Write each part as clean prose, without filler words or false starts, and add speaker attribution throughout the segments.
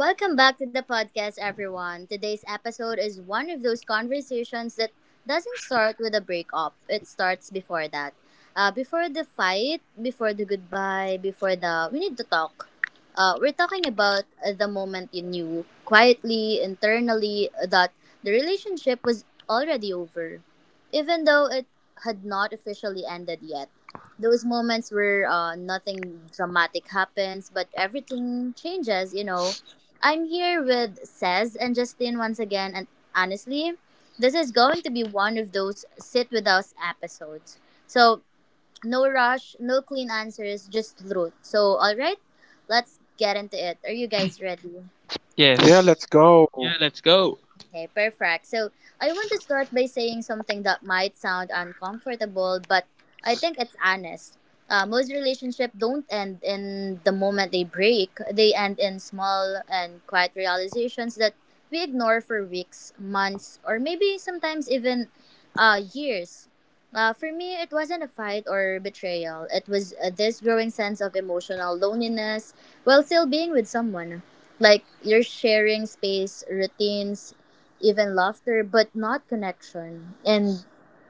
Speaker 1: Welcome back to the podcast, everyone. Today's episode is one of those conversations that doesn't start with a breakup, it starts before that. Before the fight, before the goodbye, before the we need to talk. We're talking about the moment you knew, quietly, internally, that the relationship was already over, even though it had not officially ended yet, those moments where nothing dramatic happens, but everything changes. I'm here with Cez and Justin once again, and honestly, this is going to be one of those sit with us episodes. So, no rush, no clean answers, just truth. So, all right, let's get into it. Are you guys ready?
Speaker 2: Yeah,
Speaker 3: Yes.
Speaker 2: let's
Speaker 3: Yeah,
Speaker 2: go.
Speaker 3: let's go.
Speaker 1: Okay, perfect. So I want to start by saying something that might sound uncomfortable, but I think it's honest. Most relationships don't end in the moment they break. They end in small and quiet realizations that we ignore for weeks, months, or maybe sometimes even years. For me, it wasn't a fight or betrayal. It was this growing sense of emotional loneliness while still being with someone. Like you're sharing space, routines, even laughter, but not connection. And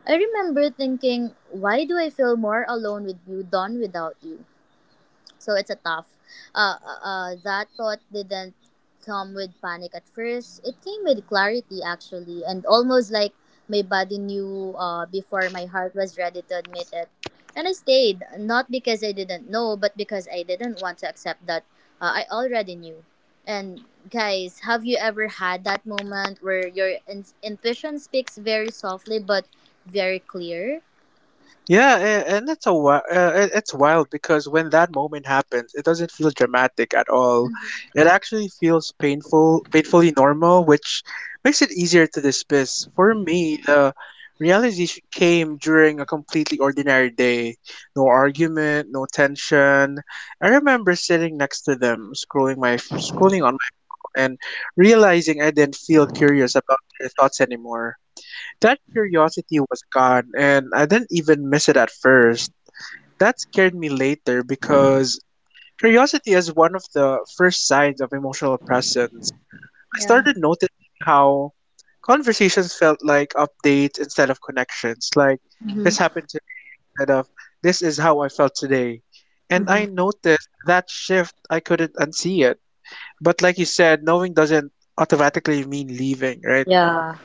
Speaker 1: I remember thinking, why do I feel more alone with you than without you? So it's a tough. That thought didn't come with panic at first. It came with clarity actually, and almost like my body knew before my heart was ready to admit it. And I stayed, not because I didn't know, but because I didn't want to accept that I already knew. And guys, have you ever had that moment where your intuition speaks very softly but very clear?
Speaker 2: Yeah, a- and it's a wi- it- it's wild because when that moment happens, it doesn't feel dramatic at all. It actually feels painful, painfully normal, which makes it easier to dismiss. For me, the realization came during a completely ordinary day. No argument, no tension. I remember sitting next to them, scrolling on my phone and realizing I didn't feel curious about their thoughts anymore. That curiosity was gone, and I didn't even miss it at first. That scared me later because curiosity is one of the first signs of emotional presence. I
Speaker 1: Yeah.
Speaker 2: started noticing how conversations felt like updates instead of connections, like
Speaker 1: Mm-hmm.
Speaker 2: this happened today instead of this is how I felt today. And I
Speaker 1: Mm-hmm.
Speaker 2: noticed that shift, I couldn't unsee it. But like you said, knowing doesn't automatically mean leaving, right?
Speaker 1: Yeah.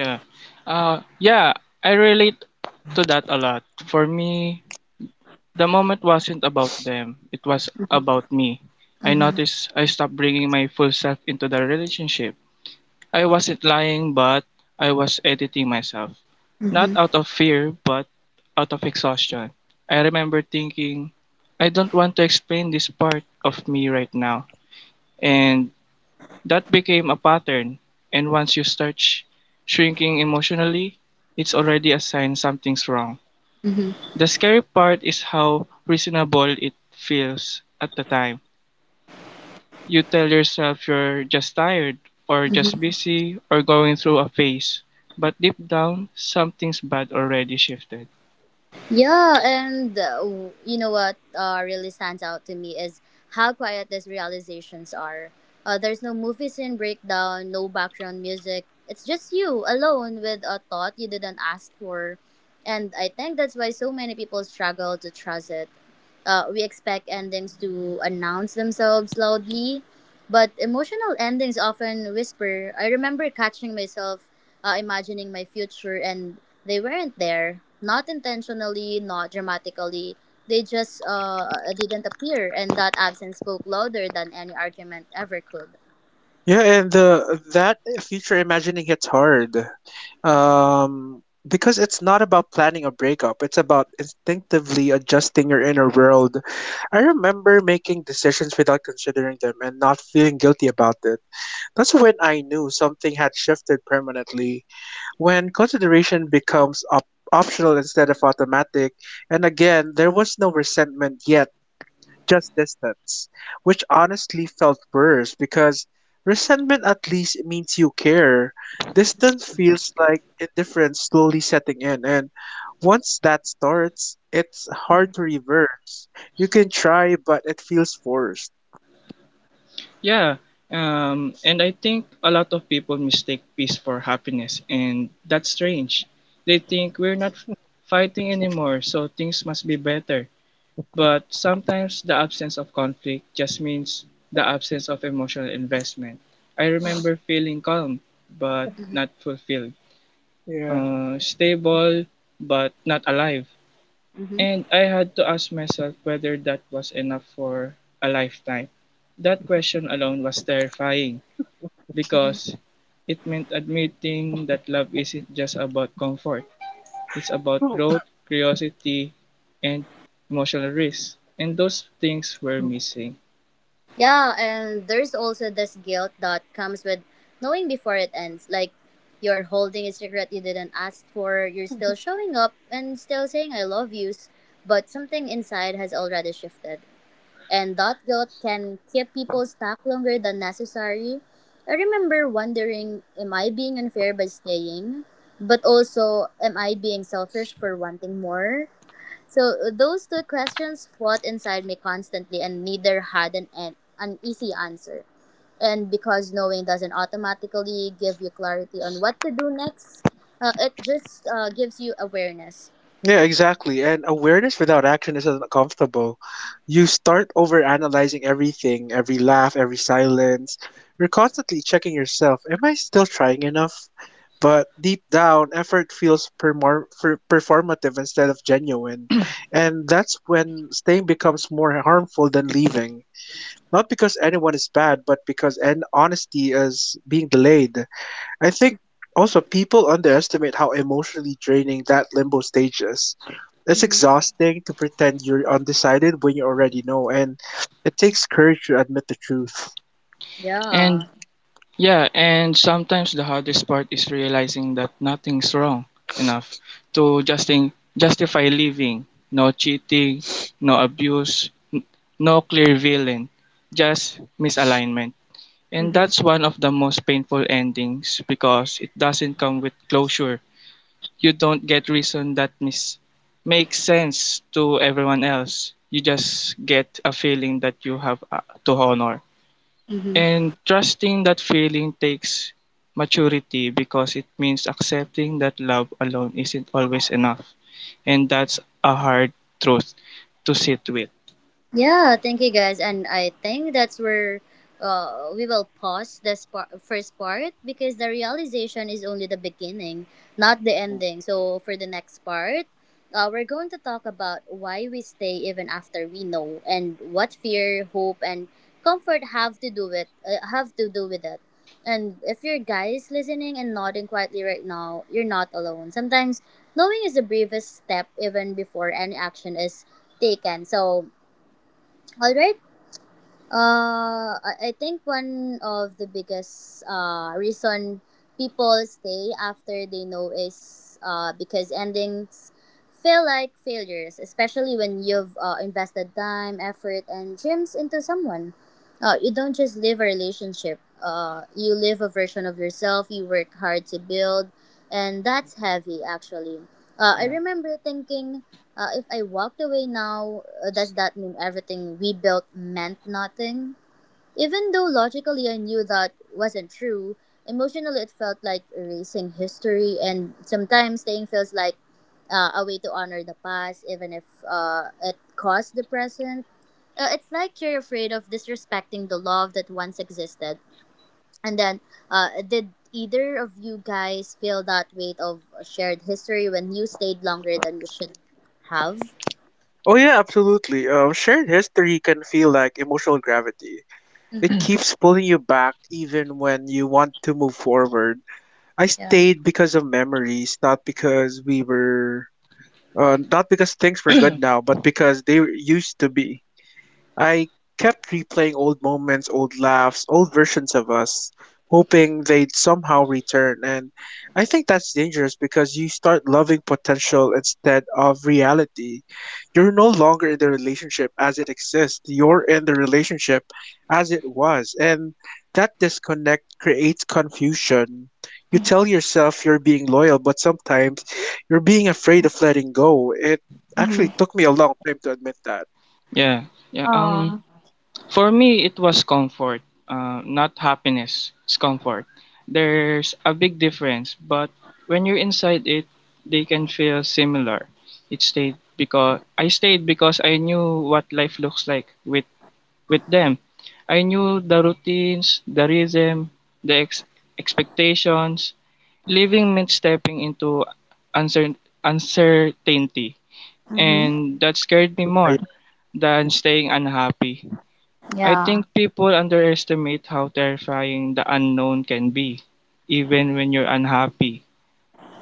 Speaker 3: Yeah. Yeah, I relate to that a lot. For me, the moment wasn't about them, it was about me. I
Speaker 1: Mm-hmm.
Speaker 3: noticed I stopped bringing my full self into the relationship. I wasn't lying, but I was editing myself. Not
Speaker 1: Mm-hmm.
Speaker 3: out of fear, but out of exhaustion. I remember thinking, I don't want to explain this part of me right now. And That became a pattern, and once you start shrinking emotionally, it's already a sign something's wrong. The scary part is how reasonable it feels at the time. You tell yourself you're just tired, or just busy, or going through a phase, but deep down, something's bad already shifted.
Speaker 1: Yeah, and you know what really stands out to me is how quiet these realizations are. There's no movie scene breakdown, no background music. It's just you alone with a thought you didn't ask for. And I think that's why so many people struggle to trust it. We expect endings to announce themselves loudly, but emotional endings often whisper. I remember catching myself imagining my future, and they weren't there. Not intentionally, not dramatically. They just didn't appear, and that absence spoke louder than any argument ever could.
Speaker 2: Yeah, and That future imagining gets hard. Because it's not about planning a breakup, it's about instinctively adjusting your inner world. I remember making decisions without considering them and not feeling guilty about it. That's when I knew something had shifted permanently. When consideration becomes optional instead of automatic, and again, there was no resentment yet, just distance, which honestly felt worse because resentment at least means you care. Distance feels like indifference slowly setting in, and once that starts, it's
Speaker 1: Hmm.
Speaker 2: hard to reverse. You can try, but it feels forced.
Speaker 3: Yeah, and I think a lot of people mistake peace for happiness, and that's strange. They think we're not fighting anymore, so things must be better. But sometimes the absence of conflict just means the absence of emotional investment. I remember feeling calm, but not fulfilled,
Speaker 2: Yeah.
Speaker 3: stable, but not alive.
Speaker 1: Hmm.
Speaker 3: And I had to ask myself whether that was enough for a lifetime. That question alone was terrifying
Speaker 1: Hmm.
Speaker 3: because it meant admitting that love isn't just about comfort. It's about growth, curiosity, and emotional risk. And those things were missing.
Speaker 1: Yeah, and there's also this guilt that comes with knowing before it ends. Like, you're holding a secret you didn't ask for, you're still showing up and still saying I love yous, but something inside has already shifted. And that guilt can keep people stuck longer than necessary. I remember wondering, am I being unfair by staying? But also, am I being selfish for wanting more? So those two questions fought inside me constantly, and neither had an easy answer. And because knowing doesn't automatically give you clarity on what to do next, it just gives you awareness.
Speaker 2: Yeah, exactly. And awareness without action is uncomfortable. You start over analyzing everything, every laugh, every silence. You're constantly checking yourself. Am I still trying enough? But deep down, effort feels performative instead of genuine. And that's when staying becomes more harmful than leaving. Not because anyone is bad, but because an honesty is being delayed. I think also people underestimate how emotionally draining that limbo stage is. It's
Speaker 1: Mm-hmm.
Speaker 2: exhausting to pretend you're undecided when you already know, and it takes courage to admit the truth.
Speaker 1: Yeah.
Speaker 3: And yeah, and sometimes the hardest part is realizing that nothing's wrong enough to justify living. No cheating, no abuse, no clear villain, just misalignment. And
Speaker 1: Mm-hmm.
Speaker 3: that's one of the most painful endings because it doesn't come with closure. You don't get reason that makes sense to everyone else. You just get a feeling that you have to honor.
Speaker 1: Mm-hmm.
Speaker 3: And trusting that feeling takes maturity because it means accepting that love alone isn't always enough. And that's a hard truth to sit with.
Speaker 1: Yeah, thank you guys. And I think that's where we will pause this first part because the realization is only the beginning, not the ending. So for the next part, we're going to talk about why we stay even after we know and what fear, hope, and comfort have to do with have to do with it. And if you're guys listening and nodding quietly right now, you're not alone. Sometimes knowing is the bravest step even before any action is taken. So all right. I think one of the biggest reason people stay after they know is because endings feel like failures, especially when you've invested time, effort, and dreams into someone. You don't just live a relationship. You live a version of yourself you work hard to build, and that's heavy, actually. I remember thinking if I walked away now, does that mean everything we built meant nothing? Even though logically I knew that wasn't true, emotionally it felt like erasing history, and sometimes staying feels like a way to honor the past, even if it caused the present. It's like you're afraid of disrespecting the love that once existed. And then, did either of you guys feel that weight of shared history when you stayed longer than you should have?
Speaker 2: Oh yeah, absolutely. Shared history can feel like emotional gravity. It keeps pulling you back even when you want to move forward. I
Speaker 1: Yeah.
Speaker 2: stayed because of memories, not because not because things were good now, but because they used to be. I kept replaying old moments, old laughs, old versions of us, hoping they'd somehow return. And I think that's dangerous because you start loving potential instead of reality. You're no longer in the relationship as it exists, you're in the relationship as it was. And that disconnect creates confusion. You tell yourself you're being loyal, but sometimes you're being afraid of letting go. It actually took me a long time to admit that.
Speaker 3: Yeah. Yeah. For me, it was comfort, not happiness. It's comfort. There's a big difference, but when you're inside it, they can feel similar. It stayed because I knew what life looks like with them. I knew the routines, the rhythm, the expectations. Living meant stepping into uncer- uncertainty, and that scared me
Speaker 2: Yeah,
Speaker 3: more
Speaker 2: yeah.
Speaker 3: than staying unhappy. I think people underestimate how terrifying the unknown can be, even when you're unhappy.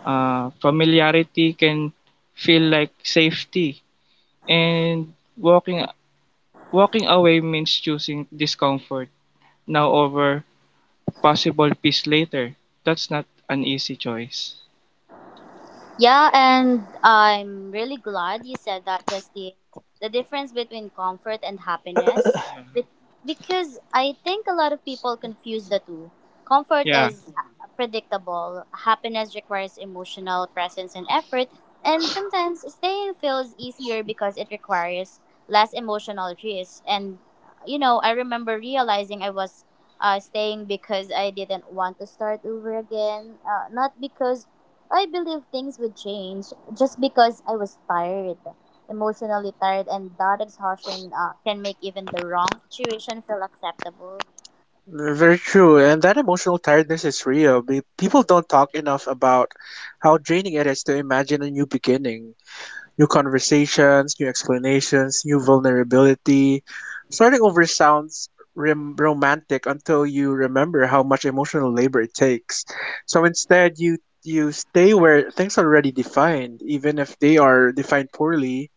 Speaker 3: Familiarity can feel like safety, and walking away means choosing discomfort now over possible peace later. That's not an easy choice.
Speaker 1: Yeah, and I'm really glad you said that, Justine. The difference between comfort and happiness. Be- Because I think a lot of people confuse the two. Comfort
Speaker 3: Yeah.
Speaker 1: is predictable, happiness requires emotional presence and effort, and sometimes staying feels easier because it requires less emotional risk. And you know, I remember realizing I was staying because I didn't want to start over again. Not because I believed things would change, just because I was tired, emotionally tired, and that exhaustion can make even the wrong situation feel acceptable.
Speaker 2: Very true, and that emotional tiredness is real. People don't talk enough about how draining it is to imagine a new beginning, new conversations, new explanations, new vulnerability. Starting over sounds romantic until you remember how much emotional labor it takes. So instead, you stay where things are already defined, even if they are defined poorly.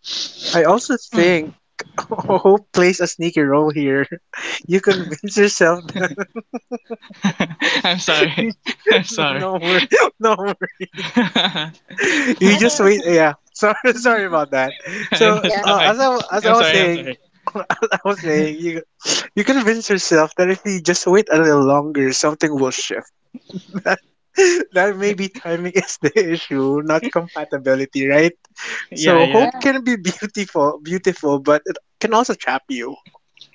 Speaker 2: I also think
Speaker 3: Mm.
Speaker 2: hope plays a sneaky role here. You convince yourself
Speaker 3: I'm sorry.
Speaker 2: you.
Speaker 3: I'm
Speaker 2: No,
Speaker 3: sorry.
Speaker 2: no worry. No worry. You just wait.
Speaker 1: Okay.
Speaker 2: Yeah. Sorry, sorry
Speaker 1: Mhm.
Speaker 2: about that.
Speaker 3: I'm
Speaker 2: So,
Speaker 1: Yeah.
Speaker 3: sorry.
Speaker 2: as I wa- as I
Speaker 3: I'm
Speaker 2: was
Speaker 3: sorry. I'm
Speaker 2: saying,
Speaker 3: sorry.
Speaker 2: As I was saying, you convince yourself that if you just wait a little longer, something will shift. That that maybe timing is the issue, not compatibility, right?
Speaker 3: Yeah,
Speaker 2: So
Speaker 3: yeah.
Speaker 2: hope
Speaker 1: Yeah.
Speaker 2: can be beautiful, beautiful, but it can also trap you.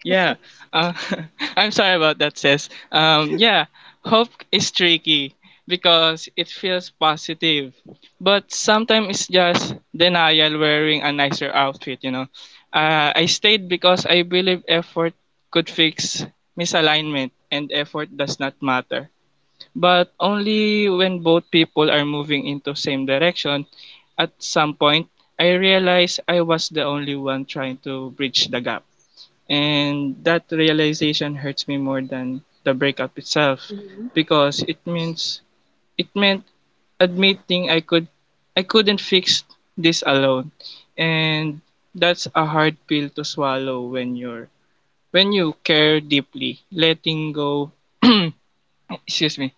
Speaker 3: Yeah, uh, I'm sorry about that, sis. Yeah, Hope is tricky because it feels positive, but sometimes it's just denial wearing a nicer outfit, you know. I stayed because I believe effort could fix misalignment and effort does not matter. But only when both people are moving into same direction, at some point, I realized I was the only one trying to bridge the gap. And that realization hurts me more than the breakup itself because it meant admitting I couldn't fix this alone. And that's a hard pill to swallow when you're when you care deeply. Letting go excuse me.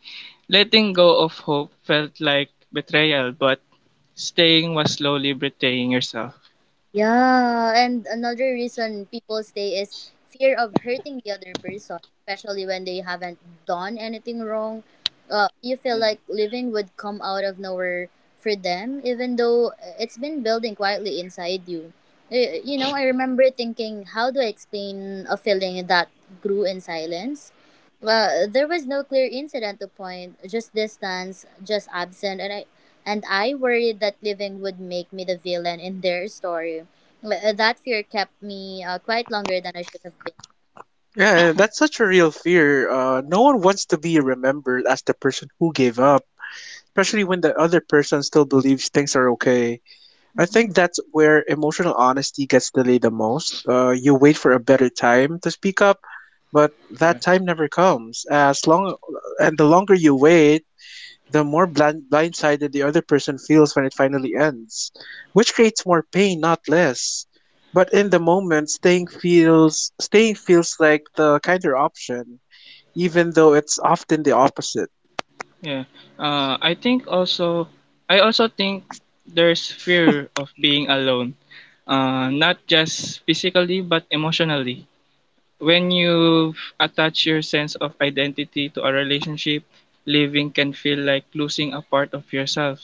Speaker 3: Letting go of hope felt like betrayal, but staying was slowly betraying yourself.
Speaker 1: Yeah, and another reason people stay is fear of hurting the other person, especially when they haven't done anything wrong. You feel
Speaker 3: Yeah.
Speaker 1: like living would come out of nowhere for them, even though it's been building quietly inside you. You know, I remember thinking, how do I explain a feeling that grew in silence? Well, there was no clear incident to point, just distance, just absent, and I worried that leaving would make me the villain in their story. That fear kept me quite longer than I should have been.
Speaker 2: Yeah, that's such a real fear. No one wants to be remembered as the person who gave up, especially when the other person still believes things are okay. I
Speaker 1: Mhm.
Speaker 2: think that's where emotional honesty gets delayed the most. You wait for a better time to speak up, but that time never comes. As long and the longer you wait, the more blindsided the other person feels when it finally ends, which creates more pain, not less. But in the moment, staying feels like the kinder option, even though it's often the opposite.
Speaker 3: Yeah. Uh, I think also, I also think there's fear of being alone, not just physically but emotionally. When you attach your sense of identity to a relationship, living can feel like losing a part of yourself.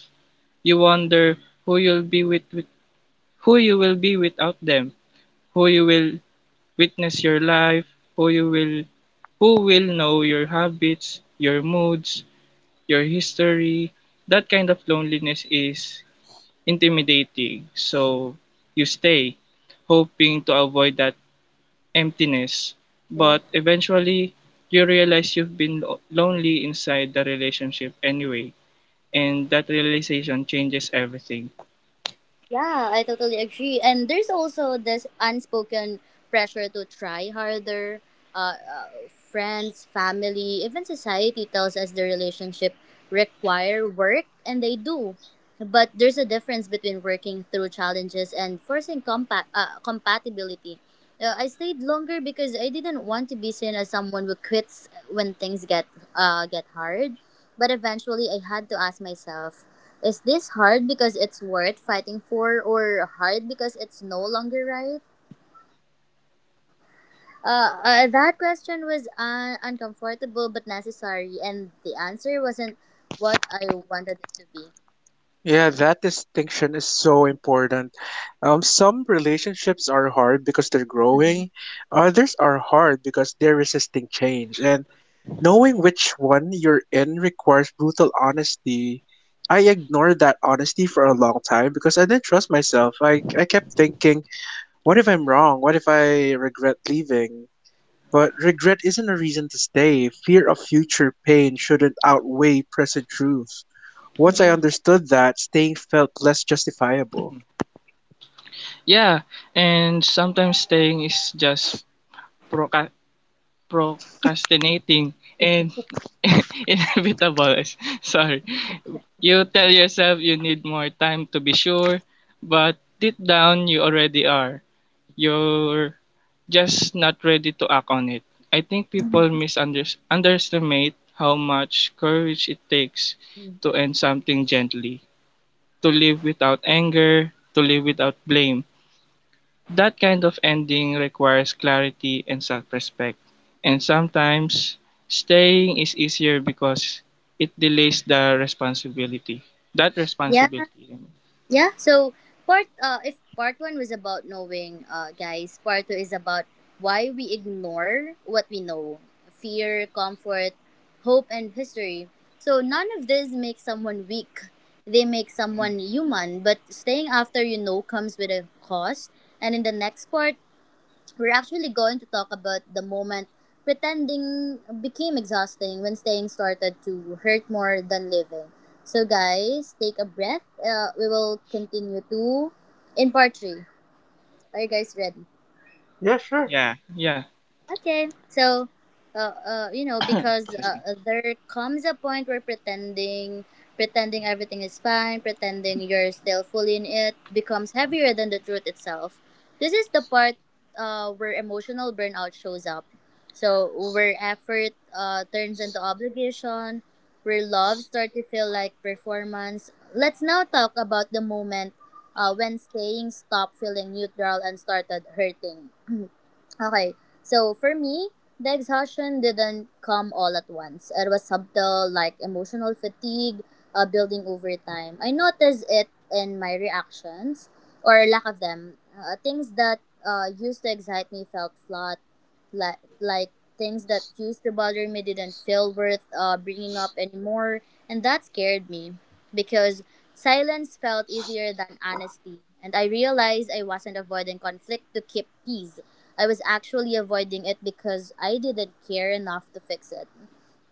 Speaker 3: You wonder who you'll be with, with who you will be without them, who you will witness your life, who you will who will know your habits, your moods, your history. That kind of loneliness is intimidating. So you stay, hoping to avoid that emptiness. But eventually, you realize you've been lonely inside the relationship anyway. And that realization changes everything.
Speaker 1: Yeah, I totally agree. And there's also this unspoken pressure to try harder. Friends, family, even society tells us the relationship require work, and they do. But there's a difference between working through challenges and forcing compatibility. I stayed longer because I didn't want to be seen as someone who quits when things get hard. But eventually, I had to ask myself. Is this hard because it's worth fighting for, or hard because it's no longer right? That question was uncomfortable but necessary, and the answer wasn't what I wanted it to be.
Speaker 2: Yeah, that distinction is so important. Some relationships are hard because they're
Speaker 1: Mm-hmm.
Speaker 2: growing, others are hard because they're resisting change. And knowing which one you're in requires brutal honesty. I ignored that honesty for a long time because I didn't trust myself. I kept thinking, what if I'm wrong? What if I regret leaving? But regret isn't a reason to stay. Fear of future pain shouldn't outweigh present truth. Once I
Speaker 1: Mm-hmm.
Speaker 2: understood that, staying felt less justifiable.
Speaker 3: Yeah, and sometimes staying is just proca- procrastinating and inevitable. Sorry. You tell yourself you need more time to be sure, but deep down you already are. You're just not ready to act on it. I think people misunderestimate how much courage it takes to end something gently, to live without anger, to live without blame. That kind of ending requires clarity and self-respect. And sometimes staying is easier because it delays the responsibility. That
Speaker 1: Yeah,
Speaker 3: responsibility, I mean.
Speaker 1: Yeah, so part if part 1 was about knowing guys, part 2 is about why we ignore what we know. Fear, comfort, hope and history. So none of this makes someone weak. They make someone human, but staying after you know comes with a cost. And in the next part, we're actually going to talk about the moment pretending became exhausting when staying started to hurt more than living. So, guys, take a breath. We will continue to in part three. Are you guys ready?
Speaker 2: Yeah, sure.
Speaker 3: Yeah, yeah.
Speaker 1: Okay, so, uh, uh, you know, because
Speaker 3: Excuse
Speaker 1: uh,
Speaker 3: me.
Speaker 1: uh, there comes a point where pretending everything is fine, pretending you're still fully in it, becomes heavier than the truth itself. This is the part where emotional burnout shows up. So, where effort turns into obligation, where love starts to feel like performance. Let's now talk about the moment when staying stopped feeling neutral and started hurting. Okay, so for me, the exhaustion didn't come all at once. It was subtle, like emotional fatigue building over time. I noticed it in my reactions or lack of them. Things that used to excite me felt flat, like things that used to bother me didn't feel worth bringing up anymore, and that scared me because silence felt easier than honesty. And I realized I wasn't avoiding conflict to keep peace. I was actually avoiding it because I didn't care enough to fix it.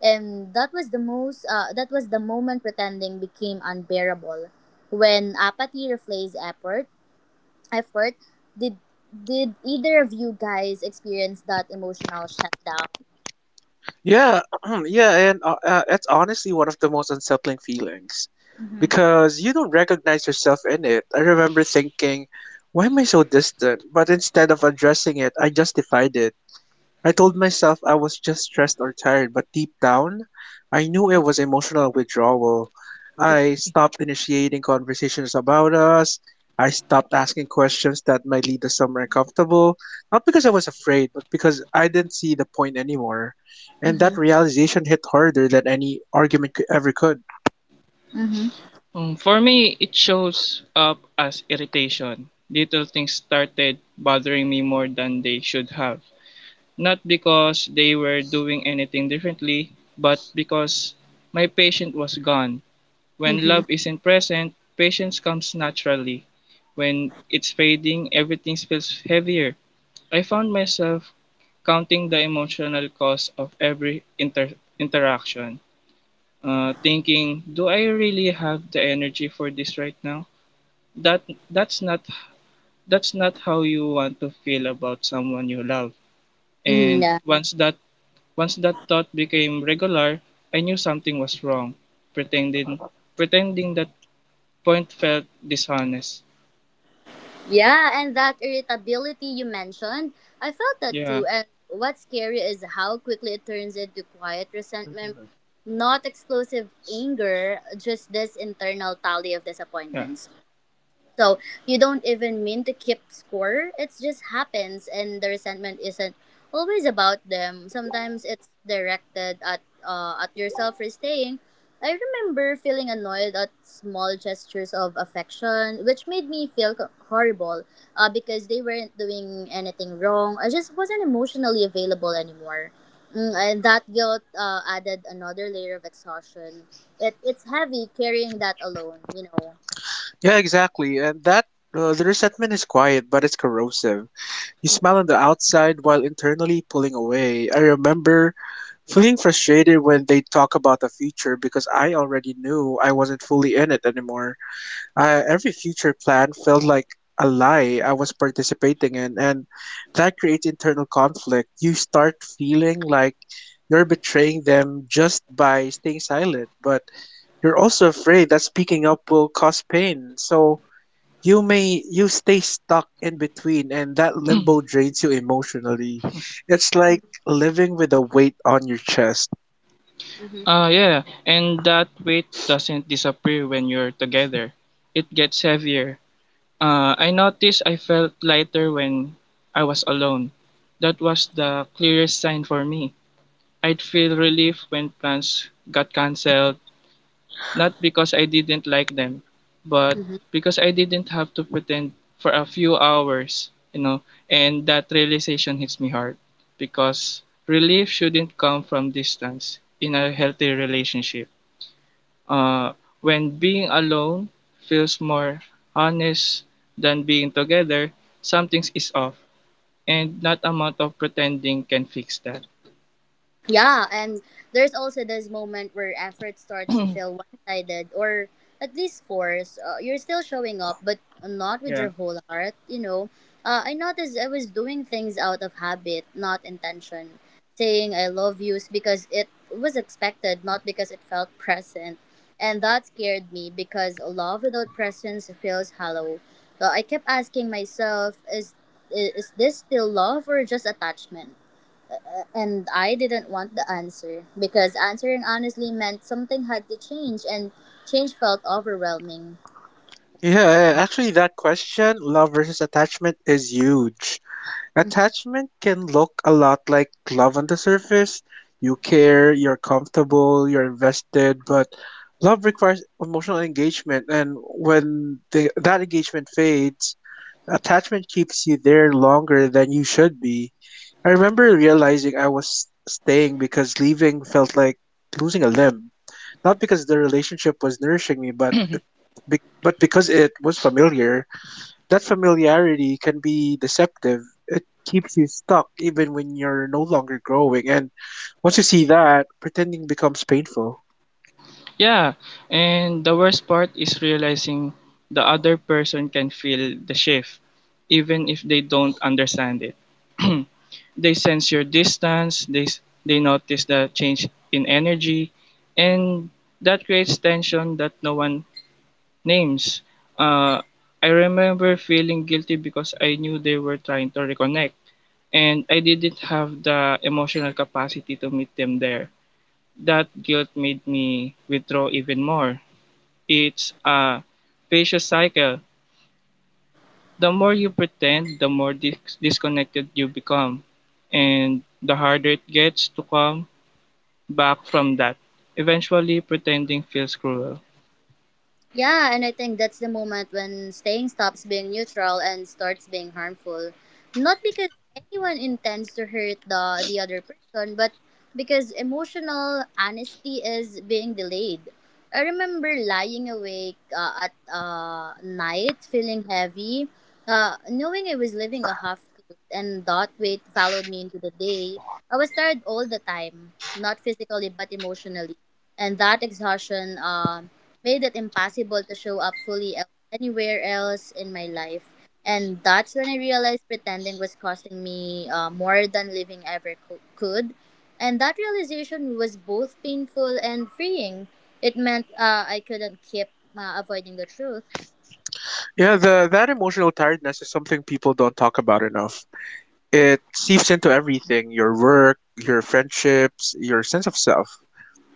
Speaker 1: And that was the moment pretending became unbearable. When apathy replaces effort, effort did did either of you guys experience that emotional shutdown?
Speaker 2: Yeah, yeah, and it's honestly one of the most unsettling feelings because you don't recognize yourself in it. I remember thinking, why am I so distant? But instead of addressing it, I justified it. I told myself I was just stressed or tired, but deep down, I knew it was emotional withdrawal. I stopped initiating conversations about us. I stopped asking questions that might lead to somewhere uncomfortable, not because I was afraid, but because I didn't see the point anymore. And that
Speaker 1: Mhm.
Speaker 2: realization hit harder than ever could.
Speaker 1: Mhm.
Speaker 3: For me, it shows up as irritation. Little things started bothering me more than they should have. Not because they were doing anything differently, but because my patient was gone. When love
Speaker 1: Mhm.
Speaker 3: isn't present, patience comes naturally. When it's fading, everything feels heavier. I found myself counting the emotional cost of every interaction, thinking, "Do I really have the energy for this right now?" That that's not that's not how you want to feel about someone you love.
Speaker 1: Mhm.
Speaker 3: And
Speaker 1: Yeah.
Speaker 3: once that thought became regular, I knew something was wrong. Pretending Pretending that point felt dishonest.
Speaker 1: Yeah, and that irritability you mentioned, I felt that
Speaker 3: Yeah,
Speaker 1: too. And what's scary is how quickly it turns into quiet resentment,
Speaker 2: Mhm.
Speaker 1: not explosive anger, just this internal tally of
Speaker 3: yeah.
Speaker 1: disappointments. So you don't even mean to keep score. It just happens, and the resentment isn't always about them. Sometimes it's directed at yourself for staying. I remember feeling annoyed at small gestures of affection, which made me feel horrible because they weren't doing anything wrong. I just wasn't emotionally available anymore. Mm, and that guilt added another layer of exhaustion. It's heavy carrying that alone, you know.
Speaker 2: Yeah, exactly. And that the resentment is quiet, but it's corrosive. You smile on the outside while internally pulling away. I remember feeling frustrated when they talk about the future because I already knew I wasn't fully in it anymore. Every future plan felt like a lie I was participating in, and that creates internal conflict. You start feeling like you're betraying them just by staying silent, but you're also afraid that speaking up will cause pain. So you stay stuck in between, and that limbo drains you emotionally. It's like living with a weight on your chest.
Speaker 1: Mm-hmm.
Speaker 3: Yeah, and that weight doesn't disappear when you're together. It gets heavier. I noticed I felt lighter when I was alone. That was the clearest sign for me. I'd feel relief when plans got cancelled, not because I didn't like them, but because I didn't have to pretend for a few hours, you know, and that realization hits me hard because relief shouldn't come from distance in a healthy relationship. Uh, when being alone feels more honest than being together, something is off, and not amount of pretending can fix that.
Speaker 1: Yeah, and there's also this moment where effort starts to feel one sided or at least forced. You're still showing up, but not with
Speaker 3: Yeah.
Speaker 1: your whole heart, you know. I noticed I was doing things out of habit, not intention. Saying I love yous because it was expected, not because it felt present. And that scared me because love without presence feels hollow. So I kept asking myself, is this still love or just attachment? And I didn't want the answer because answering honestly meant something had to change, and change felt overwhelming.
Speaker 2: Yeah, actually, that question, love versus attachment, is huge. Attachment can look a lot like love on the surface. You care, you're comfortable, you're invested, but love requires emotional engagement. And when that engagement fades, attachment keeps you there longer than you should be. I remember realizing I was staying because leaving felt like losing a limb, not because the relationship was nourishing me, but but because it was familiar. That familiarity can be deceptive. It keeps you stuck even when you're no longer growing. And once you see that, pretending becomes painful.
Speaker 3: Yeah, and the worst part is realizing the other person can feel the shift, even if they don't understand it. They sense your distance, they, they notice the change in energy, and that creates tension that no one names. Uh, I remember feeling guilty because I knew they were trying to reconnect, and I didn't have the emotional capacity to meet them there. That guilt made me withdraw even more. It's a vicious cycle. The more you pretend, the more disconnected you become, and the harder it gets to come back from that. Eventually, pretending feels cruel.
Speaker 1: Yeah, and I think that's the moment when staying stops being neutral and starts being harmful. Not because anyone intends to hurt the other person, but because emotional honesty is being delayed. I remember lying awake at night, feeling heavy, knowing I was living a half truth, and that weight followed me into the day. I was tired all the time, not physically but emotionally, and that exhaustion made it impossible to show up fully anywhere else in my life. And that's when I realized pretending was costing me more than living ever could. And that realization was both painful and freeing. It meant I couldn't keep avoiding the truth.
Speaker 2: Yeah, the that emotional tiredness is something people don't talk about enough. It seeps into everything, your work, your friendships, your sense of self.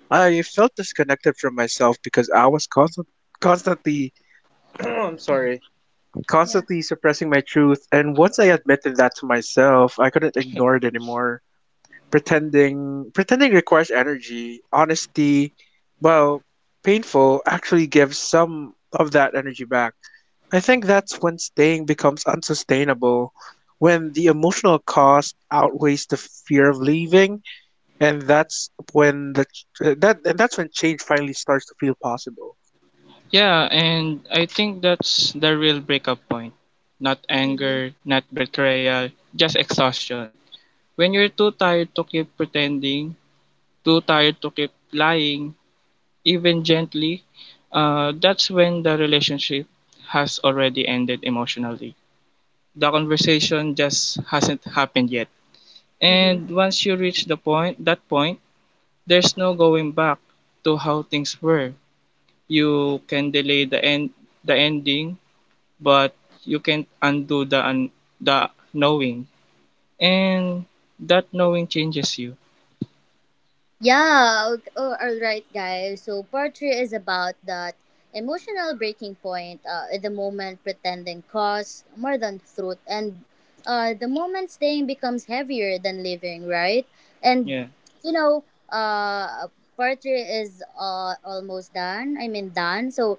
Speaker 2: I felt disconnected from myself because I was constantly I'm sorry,
Speaker 1: Yeah.
Speaker 2: constantly suppressing my truth. And once I admitted that to myself, I couldn't ignore it anymore. Pretending pretending requires energy, honesty, well, painful actually gives some of that energy back. I think that's when staying becomes unsustainable, when the emotional cost outweighs the fear of leaving, and that's when the that and that's when change finally starts to feel possible.
Speaker 3: Yeah, and I think that's the real breakup point. Not
Speaker 1: Mm-hmm.
Speaker 3: anger, not betrayal, just exhaustion. When you're too tired to keep pretending, too tired to keep lying, even gently, that's when the relationship has already ended emotionally. The conversation just hasn't happened yet.
Speaker 1: Mm-hmm.
Speaker 3: And once you reach that point, there's no going back to how things were. You can delay the ending, but you can't undo the knowing, and that knowing changes you.
Speaker 1: Yeah, oh, all right, guys. So, part three is about that emotional breaking point, at the moment pretending costs more than truth, and the moment staying becomes heavier than living, right? And
Speaker 3: Yeah.
Speaker 1: you know, part three is almost done. I mean, done. So,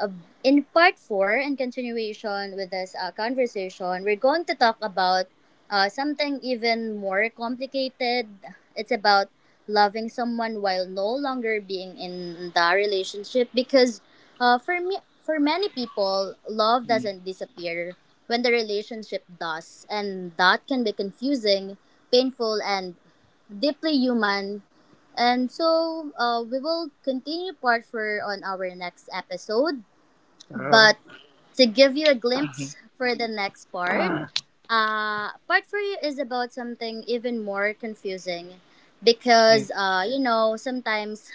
Speaker 1: uh, in part four, in continuation with this conversation, we're going to talk about something even more complicated. It's about loving someone while no longer being in the relationship because for me, for many people, love
Speaker 3: Mm.
Speaker 1: doesn't disappear when the relationship does, and that can be confusing, painful, and deeply human. And so, we will continue part four on our next episode.
Speaker 2: Uh,
Speaker 1: But to give you a
Speaker 3: Mm-hmm.
Speaker 1: glimpse for the next part, part for you is about something even more confusing
Speaker 3: Yeah.
Speaker 1: because, you know, sometimes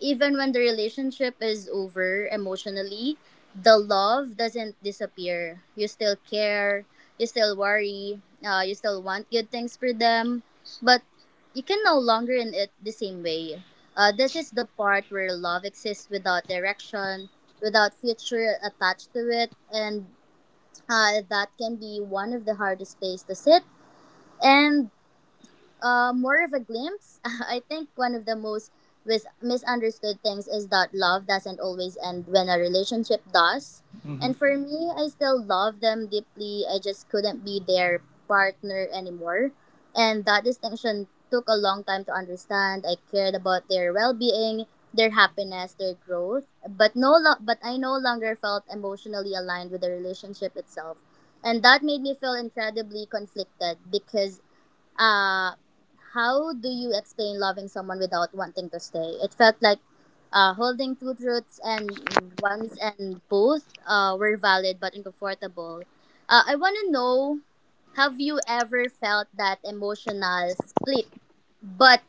Speaker 1: even when the relationship is over emotionally, the love doesn't disappear. You still care, you still worry, you still want good things for them, but you can no longer in it the same way. This is the part where love exists without direction, without future attached to it, and that can be one of the hardest places to sit. And more of a glimpse. I think one of the most misunderstood things is that love doesn't always end when a relationship does.
Speaker 3: Mm-hmm.
Speaker 1: And for me, I still love them deeply. I just couldn't be their partner anymore. And that distinction took a long time to understand. I cared about their well-being, their happiness, their growth, but but I no longer felt emotionally aligned with the relationship itself. And that made me feel incredibly conflicted because, uh, how do you explain loving someone without wanting to stay? It felt like holding two truths and ones, and both were valid but uncomfortable. I want to know, have you ever felt that emotional split? But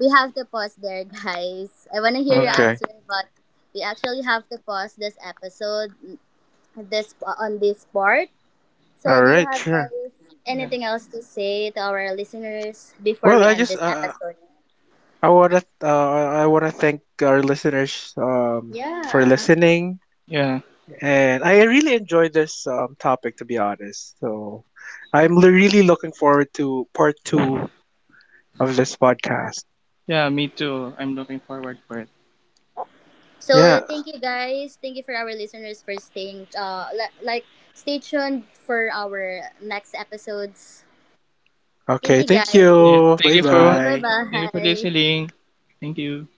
Speaker 1: we have to pause there, guys. I want to hear your
Speaker 3: Yeah.
Speaker 2: Okay.
Speaker 1: answer, but we actually have to pause this episode, this on this part. So,
Speaker 2: All
Speaker 1: do you
Speaker 2: right.
Speaker 1: have
Speaker 2: Sure.
Speaker 1: guys
Speaker 3: Yeah.
Speaker 1: anything else to say to our listeners before we
Speaker 2: Well,
Speaker 1: end this episode?
Speaker 2: I wanna thank our listeners for
Speaker 1: Yeah.
Speaker 2: listening,
Speaker 3: Yeah.
Speaker 2: and I really enjoyed this topic to be honest. So really looking forward to part two of this podcast.
Speaker 3: Yeah, me too. I'm looking forward for it.
Speaker 1: So
Speaker 2: Yeah.
Speaker 1: thank you guys. Thank you for our listeners for staying like stay tuned for our next episodes. Thank
Speaker 2: Okay.
Speaker 1: you
Speaker 2: Thank
Speaker 1: guys.
Speaker 3: Yeah,
Speaker 2: you.
Speaker 3: thank
Speaker 2: Bye
Speaker 3: you for
Speaker 1: Thank you.
Speaker 3: what.
Speaker 2: bye.
Speaker 3: Thank you for
Speaker 1: Bye-bye.
Speaker 3: listening. Thank you.